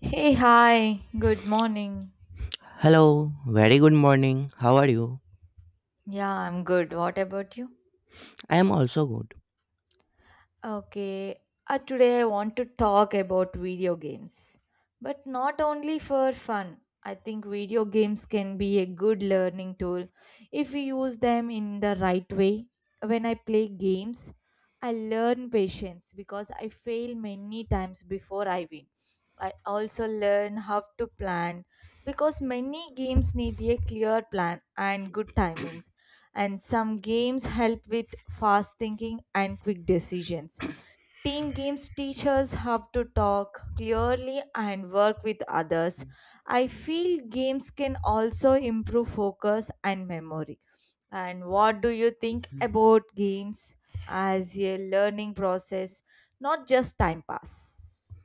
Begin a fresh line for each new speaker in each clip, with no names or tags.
Hey, hi. Good morning.
Hello, very good morning. How are you?
Yeah, I'm good. What about you?
I am also good.
Okay. Today I want to talk about video games. But not only for fun. I think video games can be a good learning tool if we use them in the right way. When I play games, I learn patience because I fail many times before I win. I also learn how to plan because many games need a clear plan and good timings, and some games help with fast thinking and quick decisions. Team games teach us how to talk clearly and work with others. I feel games can also improve focus and memory. And what do you think about games as a learning process, not just time pass?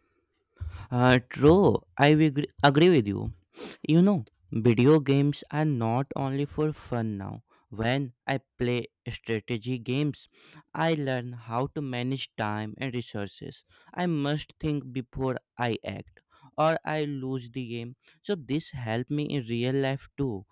True, I agree with you. You know, video games are not only for fun now. When I play strategy games, I learn how to manage time and resources. I must think before I act, or I lose the game. So this helped me in real life too.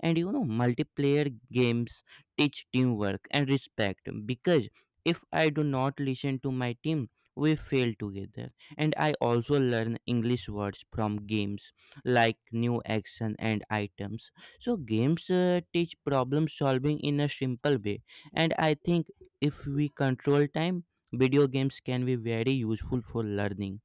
And you know, multiplayer games teach teamwork and respect, because if I do not listen to my team, we fail together. And I also learn English words from games like new action and items, so games teach problem solving in a simple way. And I think, if we control time, video games can be very useful for learning.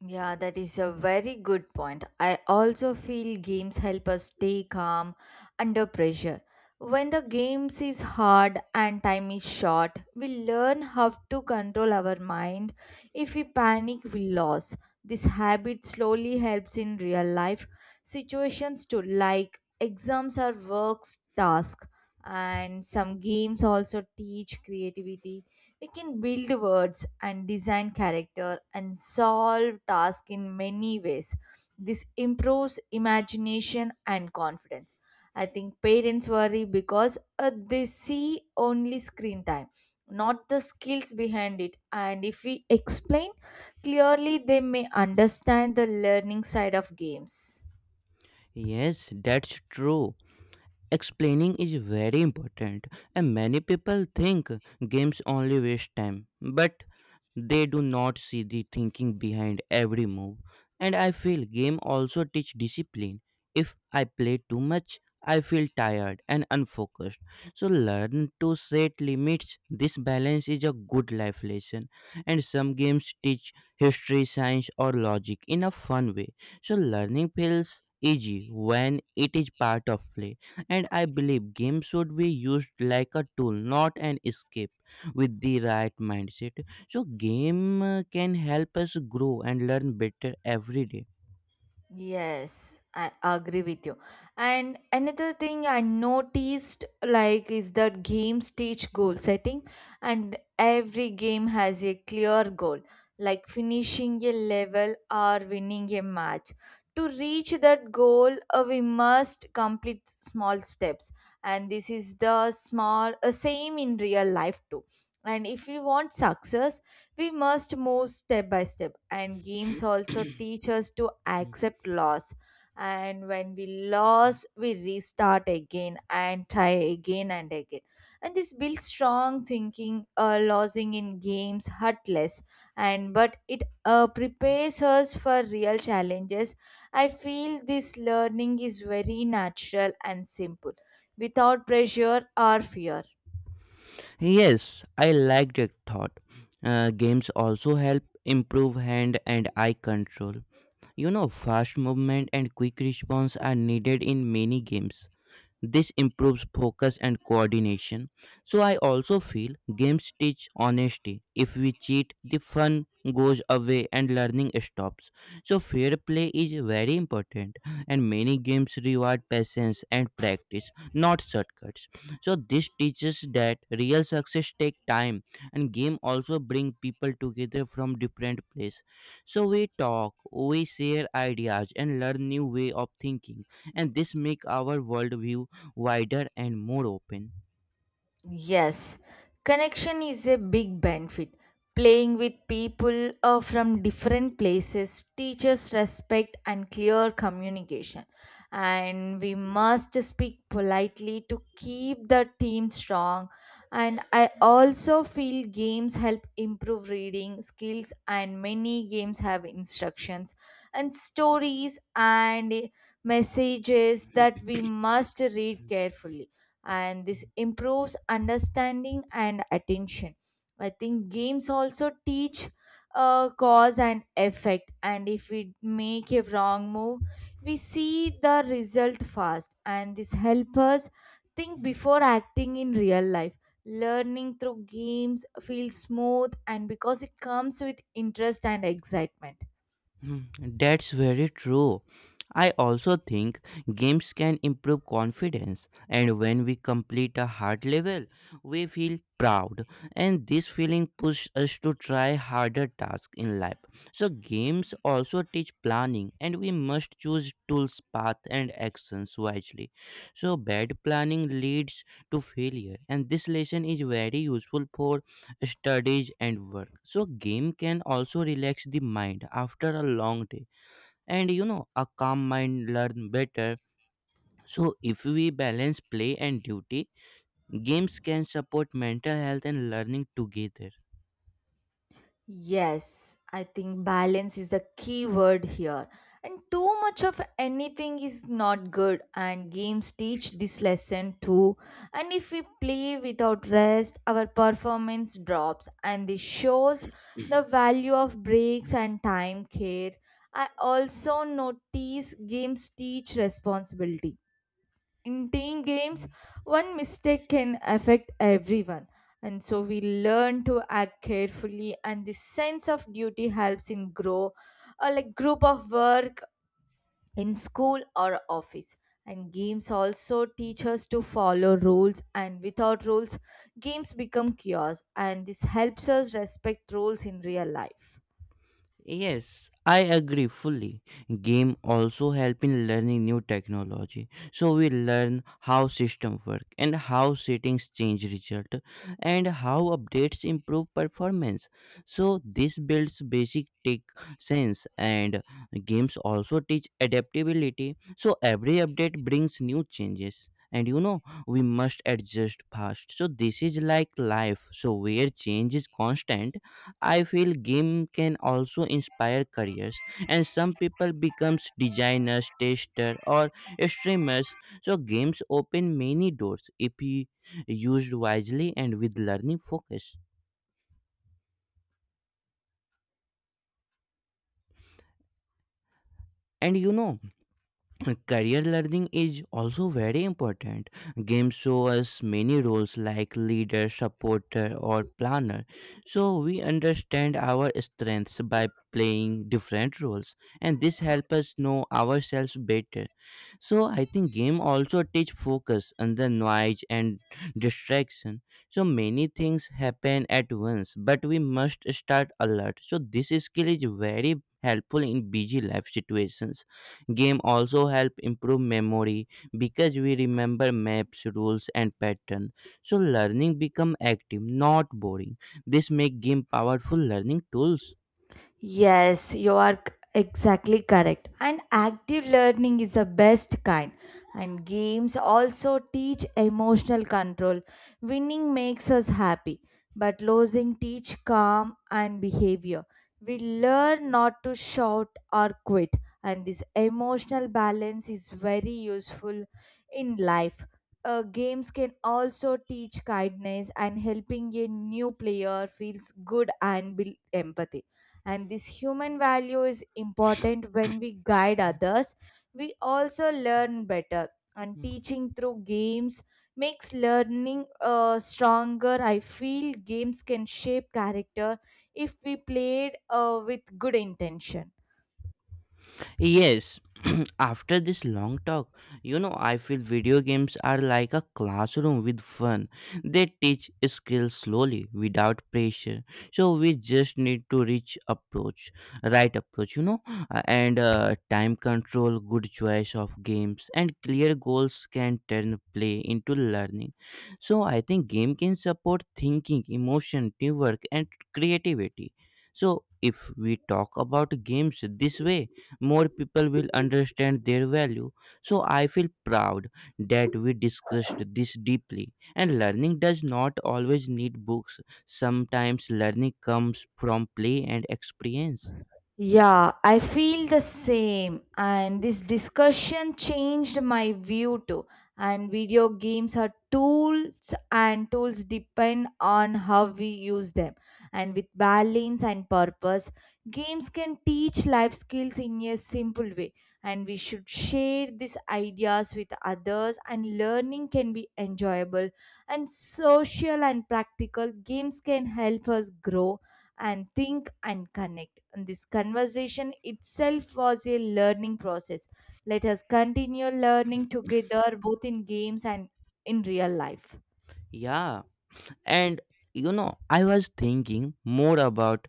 Yeah, that is a very good point. I also feel games help us stay calm under pressure. When the games is hard and time is short, we learn how to control our mind. If we panic, we lose. This habit slowly helps in real life situations too, like exams or works task. And some games also teach creativity. We can build words and design character and solve tasks in many ways. This improves imagination and confidence. I think parents worry because they see only screen time, not the skills behind it. And if we explain clearly, they may understand the learning side of games.
Yes, that's true. Explaining is very important, and many people think games only waste time, but they do not see the thinking behind every move. And I feel game also teach discipline. If I play too much, I feel tired and unfocused. So learn to set limits. This balance is a good life lesson. And some games teach history, science or logic in a fun way. So learning feels easy when it is part of play. And I believe games should be used like a tool, not an escape. With the right mindset, so game can help us grow and learn better every day.
Yes, I agree with you. And another thing I noticed like is that games teach goal setting, and every game has a clear goal like finishing a level or winning a match. To reach that goal, we must complete small steps, and this is the small same in real life too. And if we want success, we must move step by step, and games also teach us to accept loss. And when we lose, we restart again and try again and again. And this builds strong thinking. Losing in games hurt less, and but it prepares us for real challenges. I feel this learning is very natural and simple, without pressure or fear.
Yes, I like that thought. Games also help improve hand and eye control. You know, fast movement and quick response are needed in many games. This improves focus and coordination. So I also feel games teach honesty. If we cheat, the fun goes away and learning stops. So fair play is very important, and many games reward patience and practice, not shortcuts. So this teaches that real success take time. And game also bring people together from different place. So we talk, we share ideas and learn new way of thinking, and this make our worldview wider and more open.
Yes, connection is a big benefit. Playing with people from different places teaches respect and clear communication. And we must speak politely to keep the team strong. And I also feel games help improve reading skills, and many games have instructions and stories and messages that we must read carefully, and this improves understanding and attention. I think games also teach cause and effect, and if we make a wrong move, we see the result fast, and this helps us think before acting in real life. Learning through games feels smooth and because it comes with interest and excitement.
Hmm, that's very true. I also think games can improve confidence, and when we complete a hard level, we feel proud, and this feeling pushes us to try harder tasks in life. So, games also teach planning, and we must choose tools, path, and actions wisely. So, bad planning leads to failure, and this lesson is very useful for studies and work. So game can also relax the mind after a long day, and you know, a calm mind learn better. So if we balance play and duty, games can support mental health and learning together.
Yes, I think balance is the key word here. And too much of anything is not good, and games teach this lesson too. And if we play without rest, our performance drops, and this shows the value of breaks and time care. I also notice games teach responsibility in team games, one mistake can affect everyone. And so we learn to act carefully, and the sense of duty helps in grow, like group of work in school or office. And games also teach us to follow rules, and without rules, games become chaos. And this helps us respect rules in real life.
Yes, I agree fully. Game also help in learning new technology. So we learn how system work, and how settings change result, and how updates improve performance. So this builds basic tech sense. And games also teach adaptability. So every update brings new changes. And you know, we must adjust fast. So this is like life, so where change is constant. I feel game can also inspire careers, and some people becomes designers, tester or streamers. So games open many doors if you used wisely and with learning focus. And you know, career learning is also very important. Games show us many roles like leader, supporter or planner. So we understand our strengths by playing different roles, and this helps us know ourselves better. So I think game also teach focus, and the noise and distraction, so many things happen at once, but we must start alert. So this skill is very helpful in busy life situations. Game also help improve memory, because we remember maps, rules and pattern. So learning become active, not boring. This make game powerful learning tools.
Yes, you are exactly correct. And active learning is the best kind. And games also teach emotional control. Winning makes us happy, but losing teach calm and behavior. We learn not to shout or quit, and this emotional balance is very useful in life. Games can also teach kindness, and helping a new player feels good and build empathy, and this human value is important. When we guide others we also learn better, and teaching through games makes learning stronger. I feel games can shape character if we played with good intention.
Yes, after this long talk, you know, I feel video games are like a classroom with fun. They teach skills slowly without pressure. So we just need to right approach, you know, and time control, good choice of games, and clear goals can turn play into learning. So I think game can support thinking, emotion, teamwork, and creativity. So if we talk about games this way, more people will understand their value. So I feel proud that we discussed this deeply. And learning does not always need books, sometimes learning comes from play and experience.
Yeah, I feel the same. And this discussion changed my view too. And video games are tools, and tools depend on how we use them. And with balance and purpose, games can teach life skills in a simple way. And we should share these ideas with others, and learning can be enjoyable and social and practical. Games can help us grow and think and connect. And this conversation itself was a learning process. Let us continue learning together both in games and in real life.
Yeah. And you know, I was thinking more about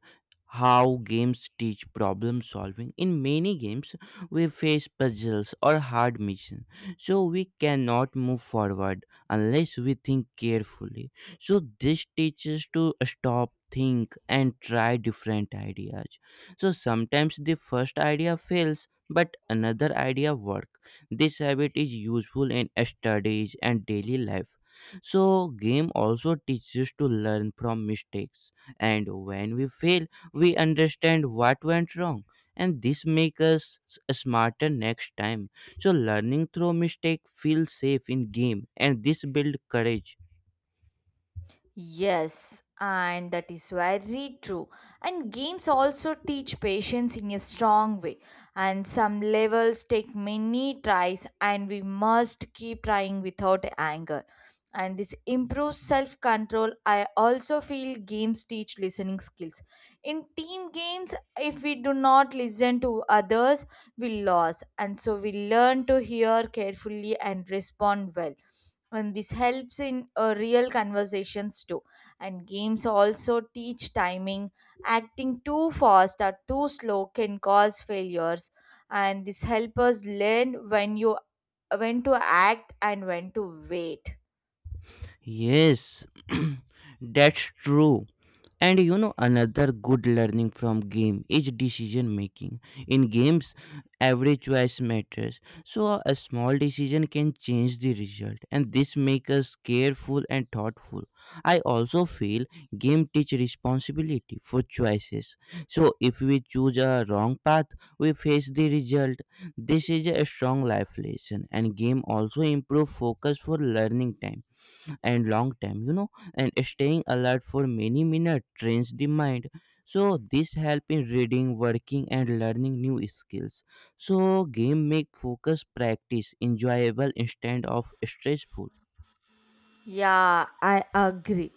how games teach problem solving. In many games, we face puzzles or hard missions, so we cannot move forward unless we think carefully. So this teaches to stop, think, and try different ideas. So sometimes the first idea fails, but another idea works. This habit is useful in studies and daily life. So game also teaches us to learn from mistakes, and when we fail, we understand what went wrong, and this makes us smarter next time. So learning through mistake feels safe in game, and this builds courage.
Yes, and that is very true. And games also teach patience in a strong way. And some levels take many tries, and we must keep trying without anger. And this improves self control. I also feel games teach listening skills. In team games, if we do not listen to others, we lose, and so we learn to hear carefully and respond well, and this helps in real conversations too. And games also teach timing. Acting too fast or too slow can cause failures, and this helps us learn when to act and when to wait.
Yes, that's true. And you know, another good learning from game is decision making. In games, every choice matters. So a small decision can change the result, and this makes us careful and thoughtful. I also feel game teach responsibility for choices. So if we choose a wrong path, we face the result. This is a strong life lesson, and game also improve focus for learning time. And long time, you know, and staying alert for many minutes trains the mind. So this help in reading, working and learning new skills. So game make focus practice enjoyable instead of stressful.
Yeah, I agree.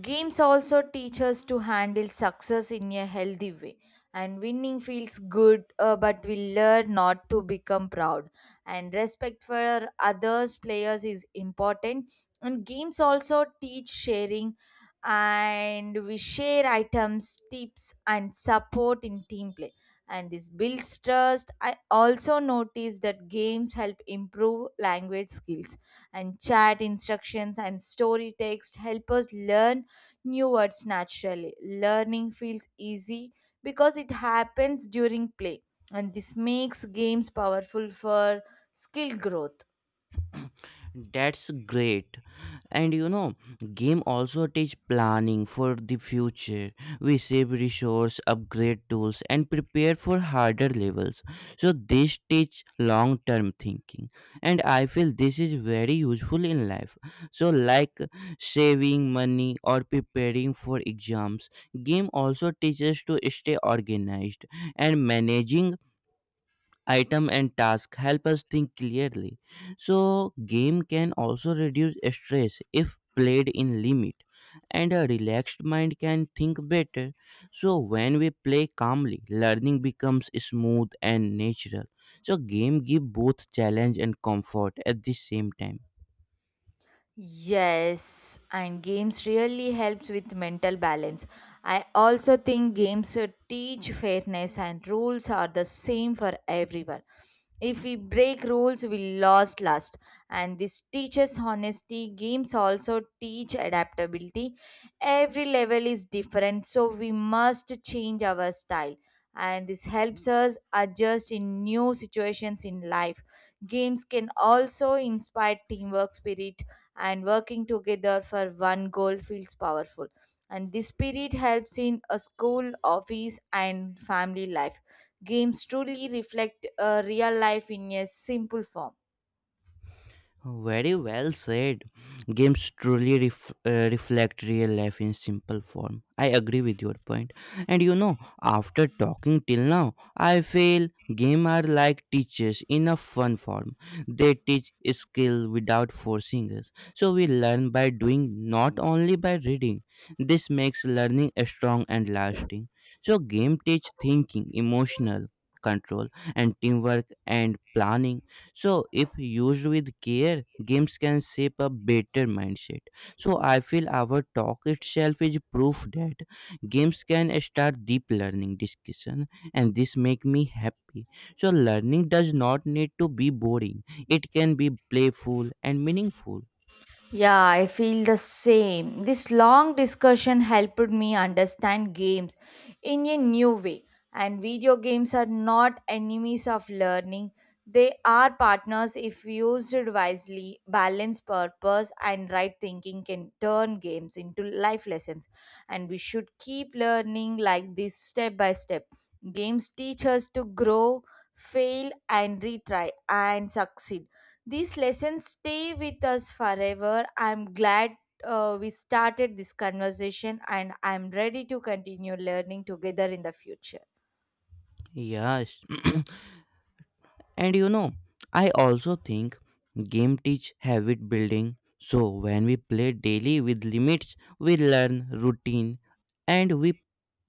Games also teach us to handle success in a healthy way, and winning feels good, but we learn not to become proud. And respect for others players is important. And games also teach sharing, and we share items, tips, and support in team play. And this builds trust. I also notice that games help improve language skills, and chat instructions and story text help us learn new words naturally. Learning feels easy because it happens during play, and this makes games powerful for skill growth.
That's great. And you know, game also teach planning for the future. We save resource, upgrade tools and prepare for harder levels. So this teach long term thinking. And I feel this is very useful in life. So like saving money or preparing for exams, game also teaches to stay organized, and managing item and task help us think clearly. So game can also reduce stress if played in limit, and a relaxed mind can think better. So when we play calmly, learning becomes smooth and natural. So game give both challenge and comfort at the same time.
Yes, and games really helps with mental balance. I also think games teach fairness, and rules are the same for everyone. If we break rules, we lost last. And this teaches honesty. Games also teach adaptability. Every level is different, so we must change our style. And this helps us adjust in new situations in life. Games can also inspire teamwork spirit, and working together for one goal feels powerful. And this spirit helps in a school, office, and family life. Games truly reflect real life in a simple form.
Very well said. Games truly reflect real life in simple form. I agree with your point. And you know, after talking till now, I feel games are like teachers in a fun form. They teach skill without forcing us. So we learn by doing, not only by reading. This makes learning strong and lasting. So game teach thinking, emotional control, and teamwork and planning. So, if used with care, games can shape a better mindset. So I feel our talk itself is proof that games can start deep learning discussion, and this make me happy. So learning does not need to be boring; it can be playful and meaningful.
Yeah, I feel the same. This long discussion helped me understand games in a new way. And video games are not enemies of learning, they are partners if used wisely. Balance, purpose, and right thinking can turn games into life lessons. And we should keep learning like this step by step. Games teach us to grow, fail, and retry, and succeed. These lessons stay with us forever. I'm glad we started this conversation and I'm ready to continue learning together in the future.
Yes, and you know, I also think game teach habit building. So when we play daily with limits, we learn routine, and we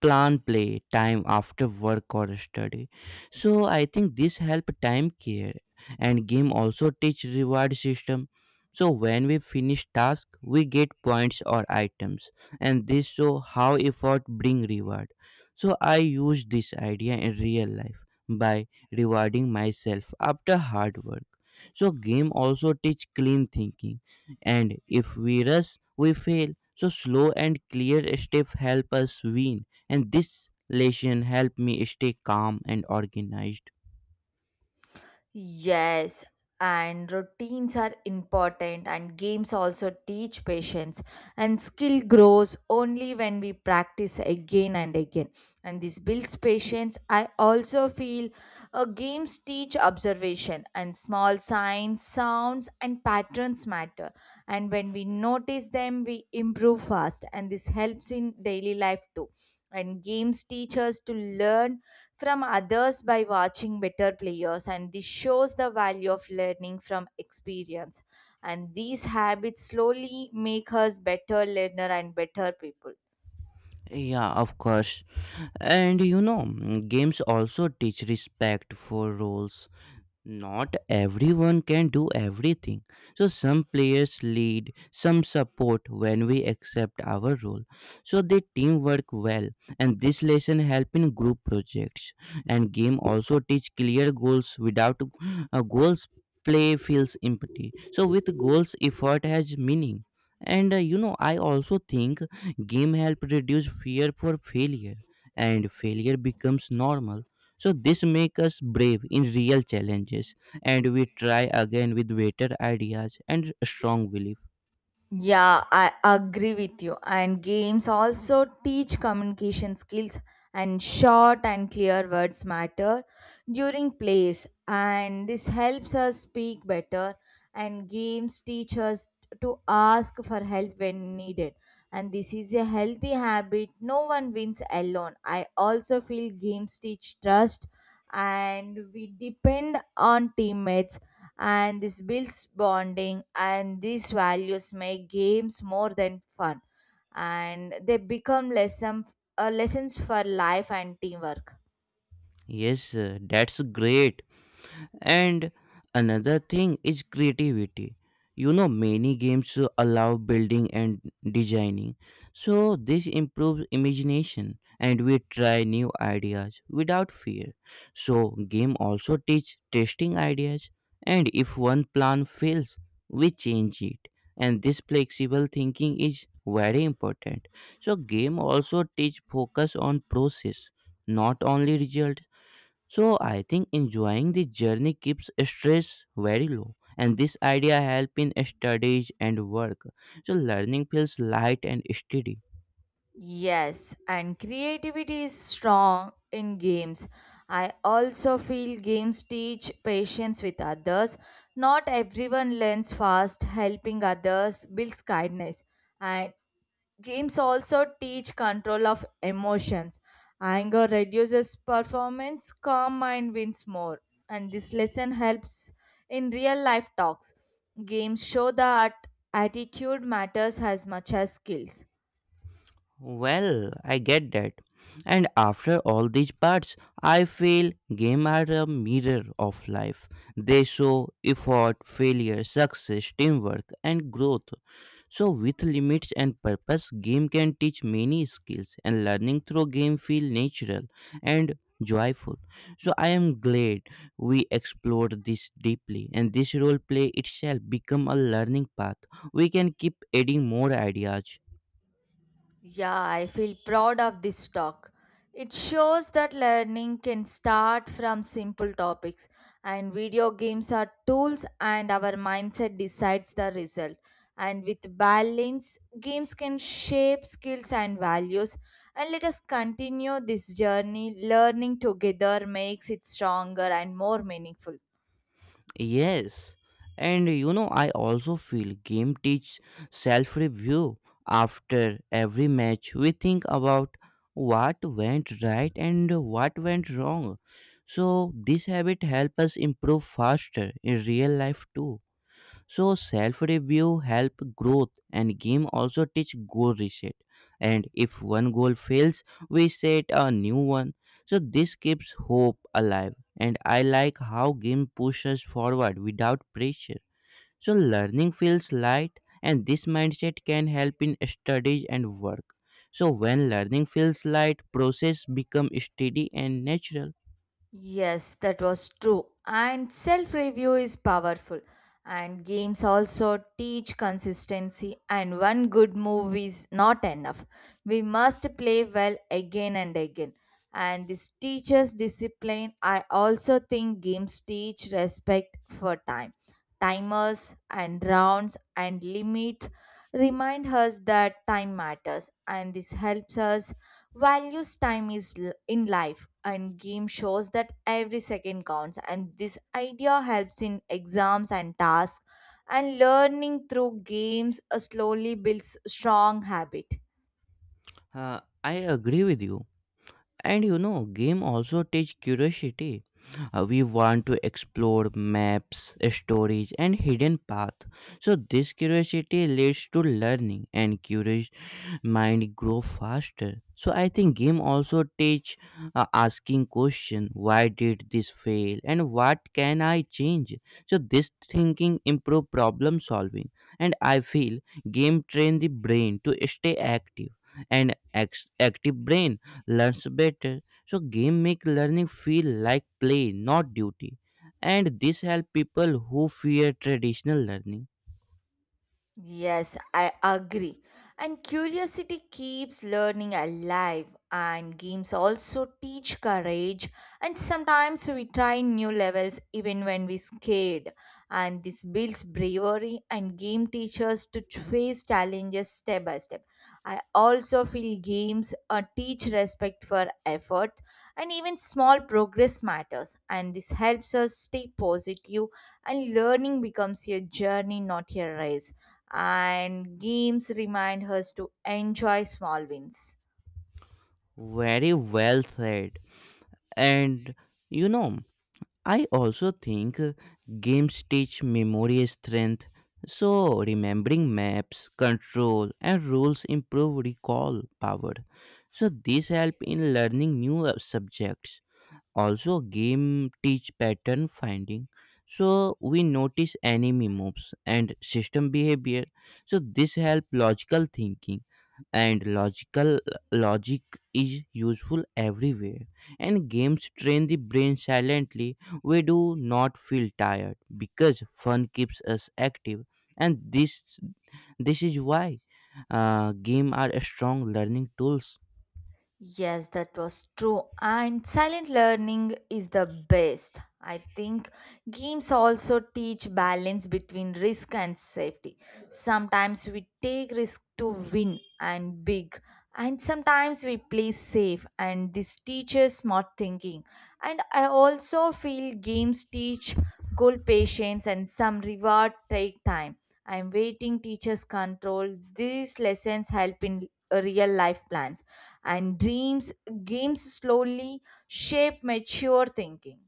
plan play time after work or study. So I think this help time care. And game also teach reward system. So when we finish task, we get points or items, and this show how effort bring reward. So I use this idea in real life by rewarding myself after hard work. So game also teach clean thinking. And if we rush, we fail. So slow and clear step help us win. And this lesson helped me stay calm and organized.
Yes, and routines are important, and games also teach patience. And skill grows only when we practice again and again. And this builds patience. I also feel games teach observation, and small signs, sounds, and patterns matter. And when we notice them, we improve fast, and this helps in daily life too. And games teach us to learn from others by watching better players, and this shows the value of learning from experience, and these habits slowly make us better learner and better people.
Yeah, of course. And you know, games also teach respect for rules. Not everyone can do everything. So some players lead, some support when we accept our role. So they teamwork well, and this lesson help in group projects. And game also teach clear goals. Without goals, play feels empty. So with goals, effort has meaning. And you know, I also think game help reduce fear for failure, and failure becomes normal. So this makes us brave in real challenges, and we try again with better ideas and strong belief.
Yeah, I agree with you. And games also teach communication skills, and short and clear words matter during plays. And this helps us speak better. And games teach us to ask for help when needed. And this is a healthy habit. No one wins alone. I also feel games teach trust, and we depend on teammates, and this builds bonding, and these values make games more than fun, and they become lesson, lessons for life and teamwork.
Yes, that's great. And another thing is creativity. You know, many games allow building and designing. So this improves imagination, and we try new ideas without fear. So game also teach testing ideas, and if one plan fails, we change it. And this flexible thinking is very important. So game also teach focus on process, not only result. So I think enjoying the journey keeps stress very low, and this idea help in studies and work. So learning feels light and steady.
Yes, and creativity is strong in games. I also feel games teach patience with others. Not everyone learns fast. Helping others builds kindness. And games also teach control of emotions. Anger reduces performance, calm mind wins more. And this lesson helps in real life talks. Games show that attitude matters as much as skills.
Well, I get that. And after all these parts, I feel game are a mirror of life. They show effort, failure, success, teamwork, and growth. So with limits and purpose, game can teach many skills, and learning through game feel natural and joyful. So I am glad we explored this deeply, and this role play itself become a learning path. We can keep adding more ideas.
Yeah, I feel proud of this talk. It shows that learning can start from simple topics, and video games are tools, and our mindset decides the result. And with balance, games can shape skills and values. And let us continue this journey. Learning together makes it stronger and more meaningful.
Yes, and you know, I also feel game teach self review. After every match, we think about what went right and what went wrong. So, this habit helps us improve faster in real life too. So self-review help growth and game also teach goal reset. And if one goal fails, we set a new one. So this keeps hope alive. And I like how game pushes forward without pressure. So learning feels light and this mindset can help in studies and work. So when learning feels light, process become steady and natural.
Yes, that was true. And self review is powerful. And games also teach consistency, and one good move is not enough. We must play well again and again. And this teaches discipline. I also think games teach respect for time. Timers and rounds and limits remind us that time matters, and this helps us values time is in life, and game shows that every second counts, and this idea helps in exams and tasks, and learning through games slowly builds strong habit.
I agree with you. And you know, game also teach curiosity. We want to explore maps, stories, and hidden path. So this curiosity leads to learning, and curious mind grow faster. So I think game also teach asking question. Why did this fail? And what can I change? So this thinking improve problem solving. And I feel game train the brain to stay active, and active brain learns better. So game make learning feel like play, not duty. And this help people who fear traditional learning.
Yes, I agree. And curiosity keeps learning alive, and games also teach courage. And sometimes we try new levels even when we're scared. And this builds bravery, and game teaches to face challenges step by step. I also feel games teach respect for effort, and even small progress matters. And this helps us stay positive, and learning becomes a journey, not a race, and games remind us to enjoy small wins.
Very well said. And you know, I also think games teach memory strength. So remembering maps, control and rules improve recall power. So this help in learning new subjects. Also game teach pattern finding, so we notice enemy moves and system behavior. So this help logical thinking, and logic is useful everywhere. And games train the brain silently. We do not feel tired because fun keeps us active, and this is why game are strong learning tools.
Yes, that was true. And silent learning is the best. I think games also teach balance between risk and safety. Sometimes we take risk to win and big, and sometimes we play safe, and this teaches smart thinking. And I also feel games teach goal patience and some reward take time. I'm waiting teachers control. These lessons help in real life plans and dreams, games slowly shape mature thinking.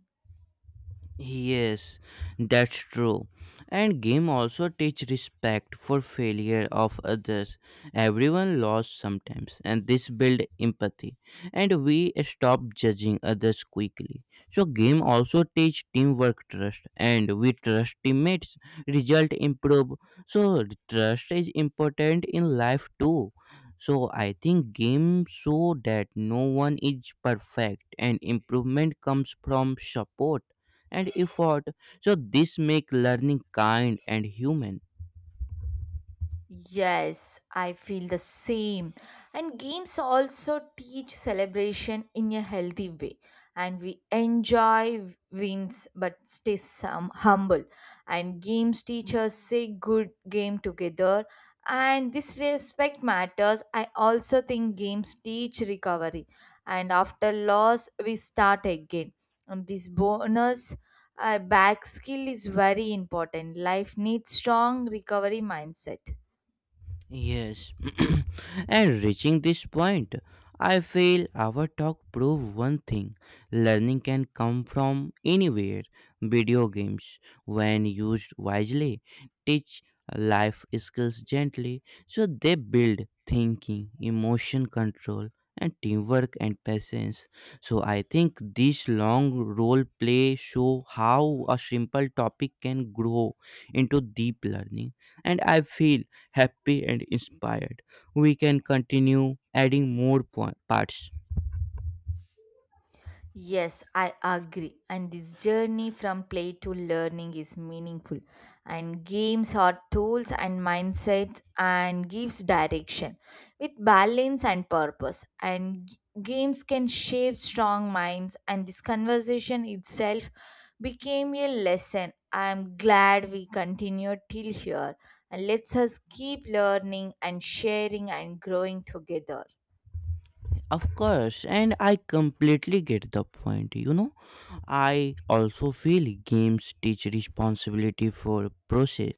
Yes, that's true. And game also teach respect for failure of others. Everyone lost sometimes, and this build empathy. And we stop judging others quickly. So game also teach teamwork trust, and we trust teammates. Result improve. So trust is important in life too. So I think game show that no one is perfect, and improvement comes from support and effort. So this make learning kind and human.
Yes, I feel the same. And games also teach celebration in a healthy way. And we enjoy wins but stay some humble. And games teach us say good game together. And this respect matters. I also think games teach recovery. And after loss, we start again. And this bonus back skill is very important. Life needs strong recovery mindset.
Yes. And reaching this point, I feel our talk prove one thing. Learning can come from anywhere. Video games, when used wisely, teach life skills gently. So they build thinking, emotion control, and teamwork and patience. So I think this long role play show how a simple topic can grow into deep learning. And I feel happy and inspired. We can continue adding more parts.
Yes, I agree. And this journey from play to learning is meaningful. And games are tools and mindsets and gives direction with balance and purpose. And games can shape strong minds. And this conversation itself became a lesson. I am glad we continued till here. And let's us keep learning and sharing and growing together.
Of course, and I completely get the point. You know, I also feel games teach responsibility for process,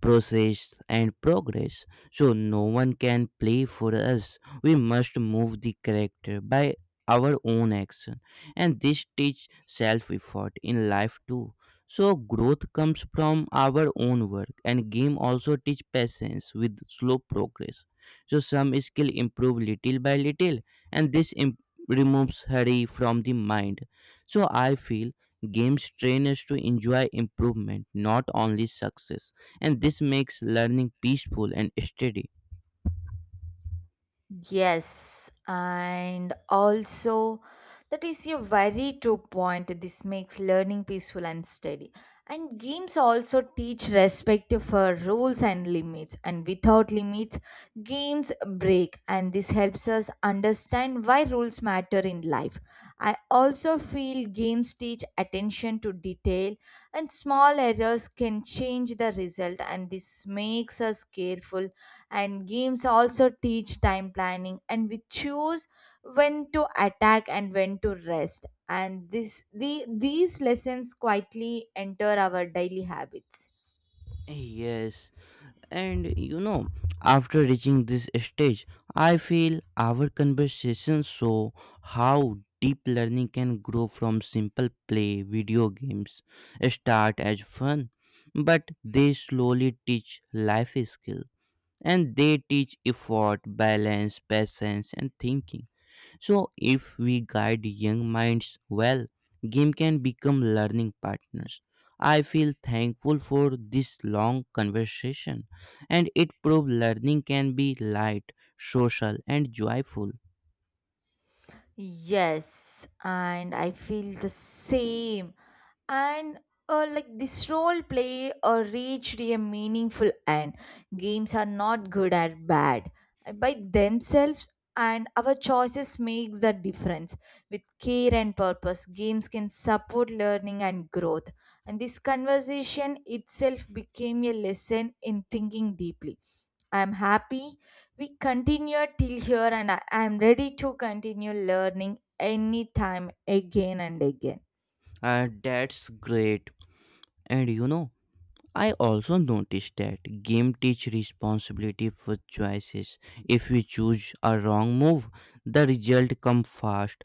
and progress. So no one can play for us. We must move the character by our own action, and this teach self-effort in life too. So growth comes from our own work, and game also teach patience with slow progress. So some skill improve little by little, and removes hurry from the mind. So I feel games train us to enjoy improvement, not only success, and this makes learning peaceful and steady.
Yes, and also that is a very true point. This makes learning peaceful and steady. And games also teach respect for rules and limits. And without limits, games break. And this helps us understand why rules matter in life. I also feel games teach attention to detail, and small errors can change the result. And this makes us careful, and games also teach time planning, and we choose when to attack and when to rest, and this the these lessons quietly enter our daily habits.
Yes, and you know, after reaching this stage, I feel our conversation show how deep learning can grow from simple play. Video games start as fun but they slowly teach life skills, and they teach effort, balance, patience, and thinking. So, if we guide young minds well, game can become learning partners. I feel thankful for this long conversation, and it proved learning can be light, social, and joyful.
Yes, and I feel the same. And uh, like this role play reached a meaningful end. Games are not good or bad, by themselves, and our choices make the difference. With care and purpose, games can support learning and growth, and this conversation itself became a lesson in thinking deeply. I am happy we continue till here, and I am ready to continue learning anytime, again and again.
That's great. And you know, I also noticed that game teach responsibility for choices. If we choose a wrong move, the result come fast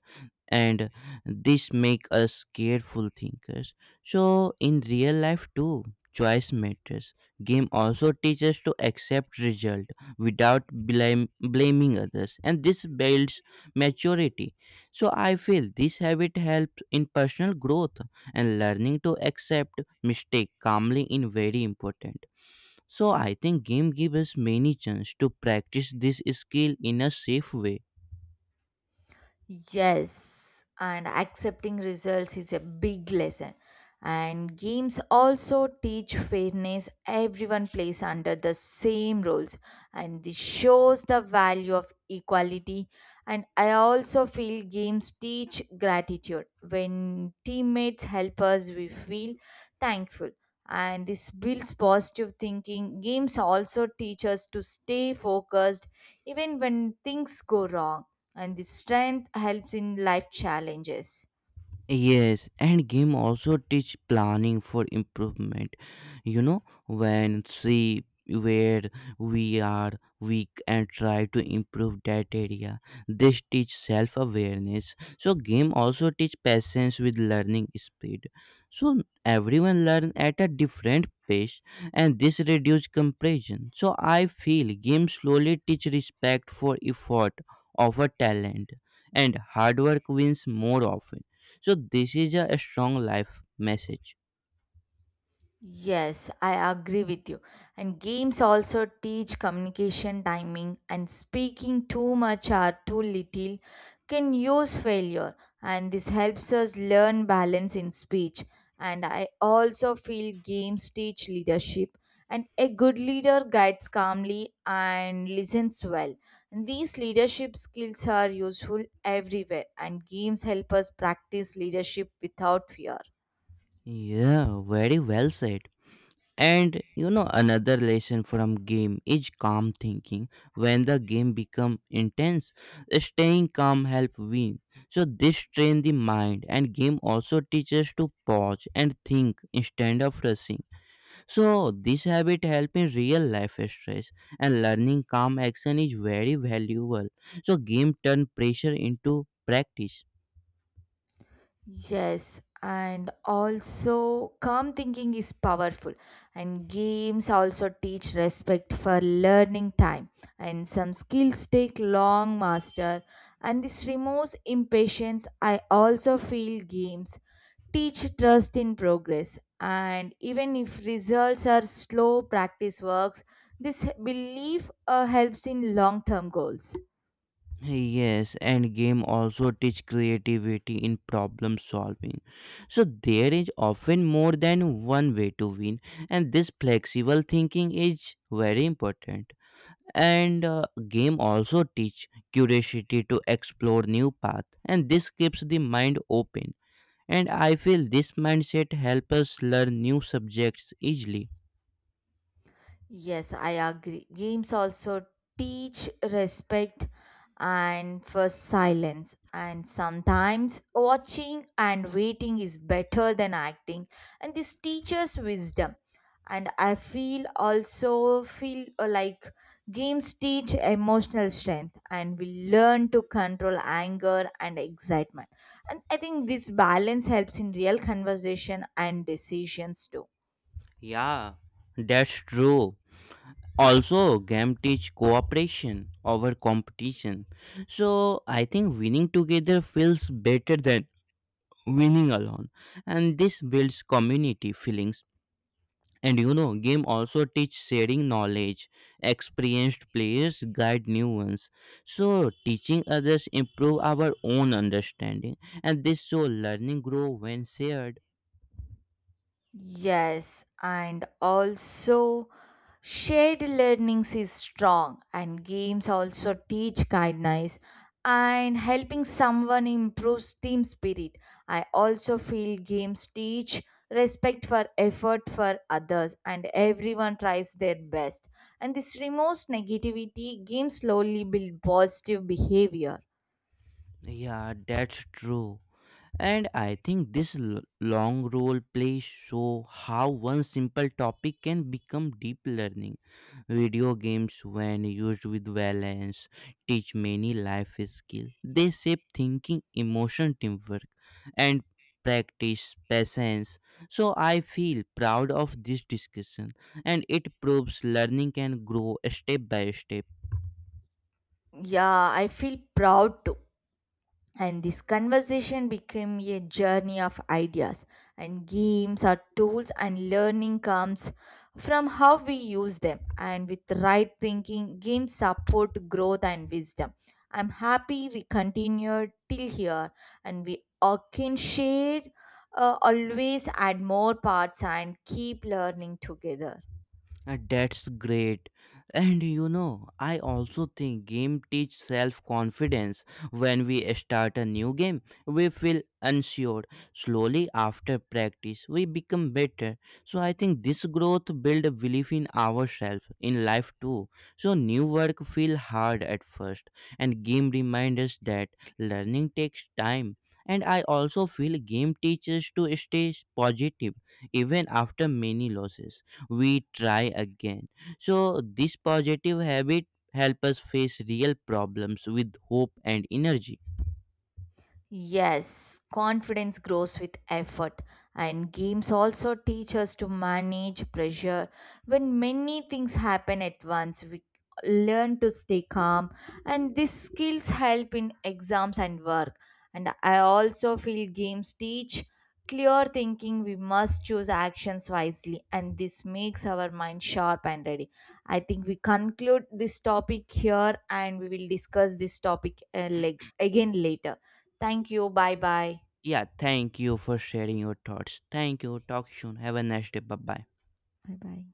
and this make us careful thinkers. So in real life too, choice matters. Game also teaches to accept result without blaming others and this builds maturity. So I feel this habit helps in personal growth, and learning to accept mistake calmly in very important. So I think game gives us many chance to practice this skill in a safe way.
Yes, and accepting results is a big lesson. And games also teach fairness. Everyone plays under the same rules, and this shows the value of equality. And I also feel games teach gratitude. When teammates help us, we feel thankful, and this builds positive thinking. Games also teach us to stay focused even when things go wrong, and this strength helps in life challenges.
Yes, and game also teach planning for improvement. You know, when see where we are weak and try to improve that area. This teach self awareness. So game also teach patience with learning speed. So everyone learn at a different pace and this reduce comparison. So I feel game slowly teach respect for effort over talent, and hard work wins more often. So this is a strong life message.
Yes, I agree with you. And games also teach communication timing, and speaking too much or too little can use failure. And this helps us learn balance in speech. And I also feel games teach leadership, and a good leader guides calmly and listens well. And these leadership skills are useful everywhere, and games help us practice leadership without fear.
Yeah, very well said. And you know another lesson from game is calm thinking. When the game become intense, staying calm help win. So this train the mind, and game also teaches to pause and think instead of rushing. So this habit help in real life stress, and learning calm action is very valuable. So game turn pressure into practice.
Yes, and also calm thinking is powerful, and games also teach respect for learning time, and some skills take long master, and this removes impatience. I also feel games teach trust in progress, and even if results are slow, practice works. This belief helps in long term goals.
Yes, and game also teach creativity in problem solving. So there is often more than one way to win, and this flexible thinking is very important. And game also teach curiosity to explore new path, and this keeps the mind open. And I feel this mindset helps us learn new subjects easily.
Yes, I agree. Games also teach respect and for silence. And sometimes watching and waiting is better than acting. And this teaches wisdom. And I feel also feel like games teach emotional strength, and we learn to control anger and excitement. And I think this balance helps in real conversation and decisions too.
Yeah, that's true. Also game teach cooperation over competition. So I think winning together feels better than winning alone, and this builds community feelings. And you know game also teach sharing knowledge. Experienced players guide new ones, so teaching others improve our own understanding. And this, so learning grow when shared.
Yes, and also shared learnings is strong, and games also teach kindness, and helping someone improves team spirit. I also feel games teach respect for effort for others, and everyone tries their best. And this removes negativity, games slowly build positive behavior.
Yeah, that's true. And I think this long role play show how one simple topic can become deep learning. Video games, when used with balance, teach many life skills. They shape thinking, emotion, teamwork, and practice patience. So I feel proud of this discussion, and it proves learning can grow step by step.
Yeah, I feel proud too. And this conversation became a journey of ideas, and games are tools, and learning comes from how we use them. And with right thinking, games support growth and wisdom. I'm happy we continued till here, and we all can share, always add more parts, and keep learning together.
That's great. And you know, I also think game teach self-confidence. When we start a new game, we feel unsure. Slowly after practice, we become better. So I think this growth build a belief in ourselves in life too. So new work feel hard at first, and game remind us that learning takes time. And I also feel game teaches to stay positive even after many losses. We try again, so this positive habit help us face real problems with hope and energy.
Yes, confidence grows with effort, and games also teach us to manage pressure. When many things happen at once, we learn to stay calm, and these skills help in exams and work. And I also feel games teach clear thinking. We must choose actions wisely, and this makes our mind sharp and ready. I think we conclude this topic here, and we will discuss this topic again later. Thank you. Bye bye.
Yeah, thank you for sharing your thoughts. Thank you, talk soon, have a nice day. Bye bye.
Bye bye.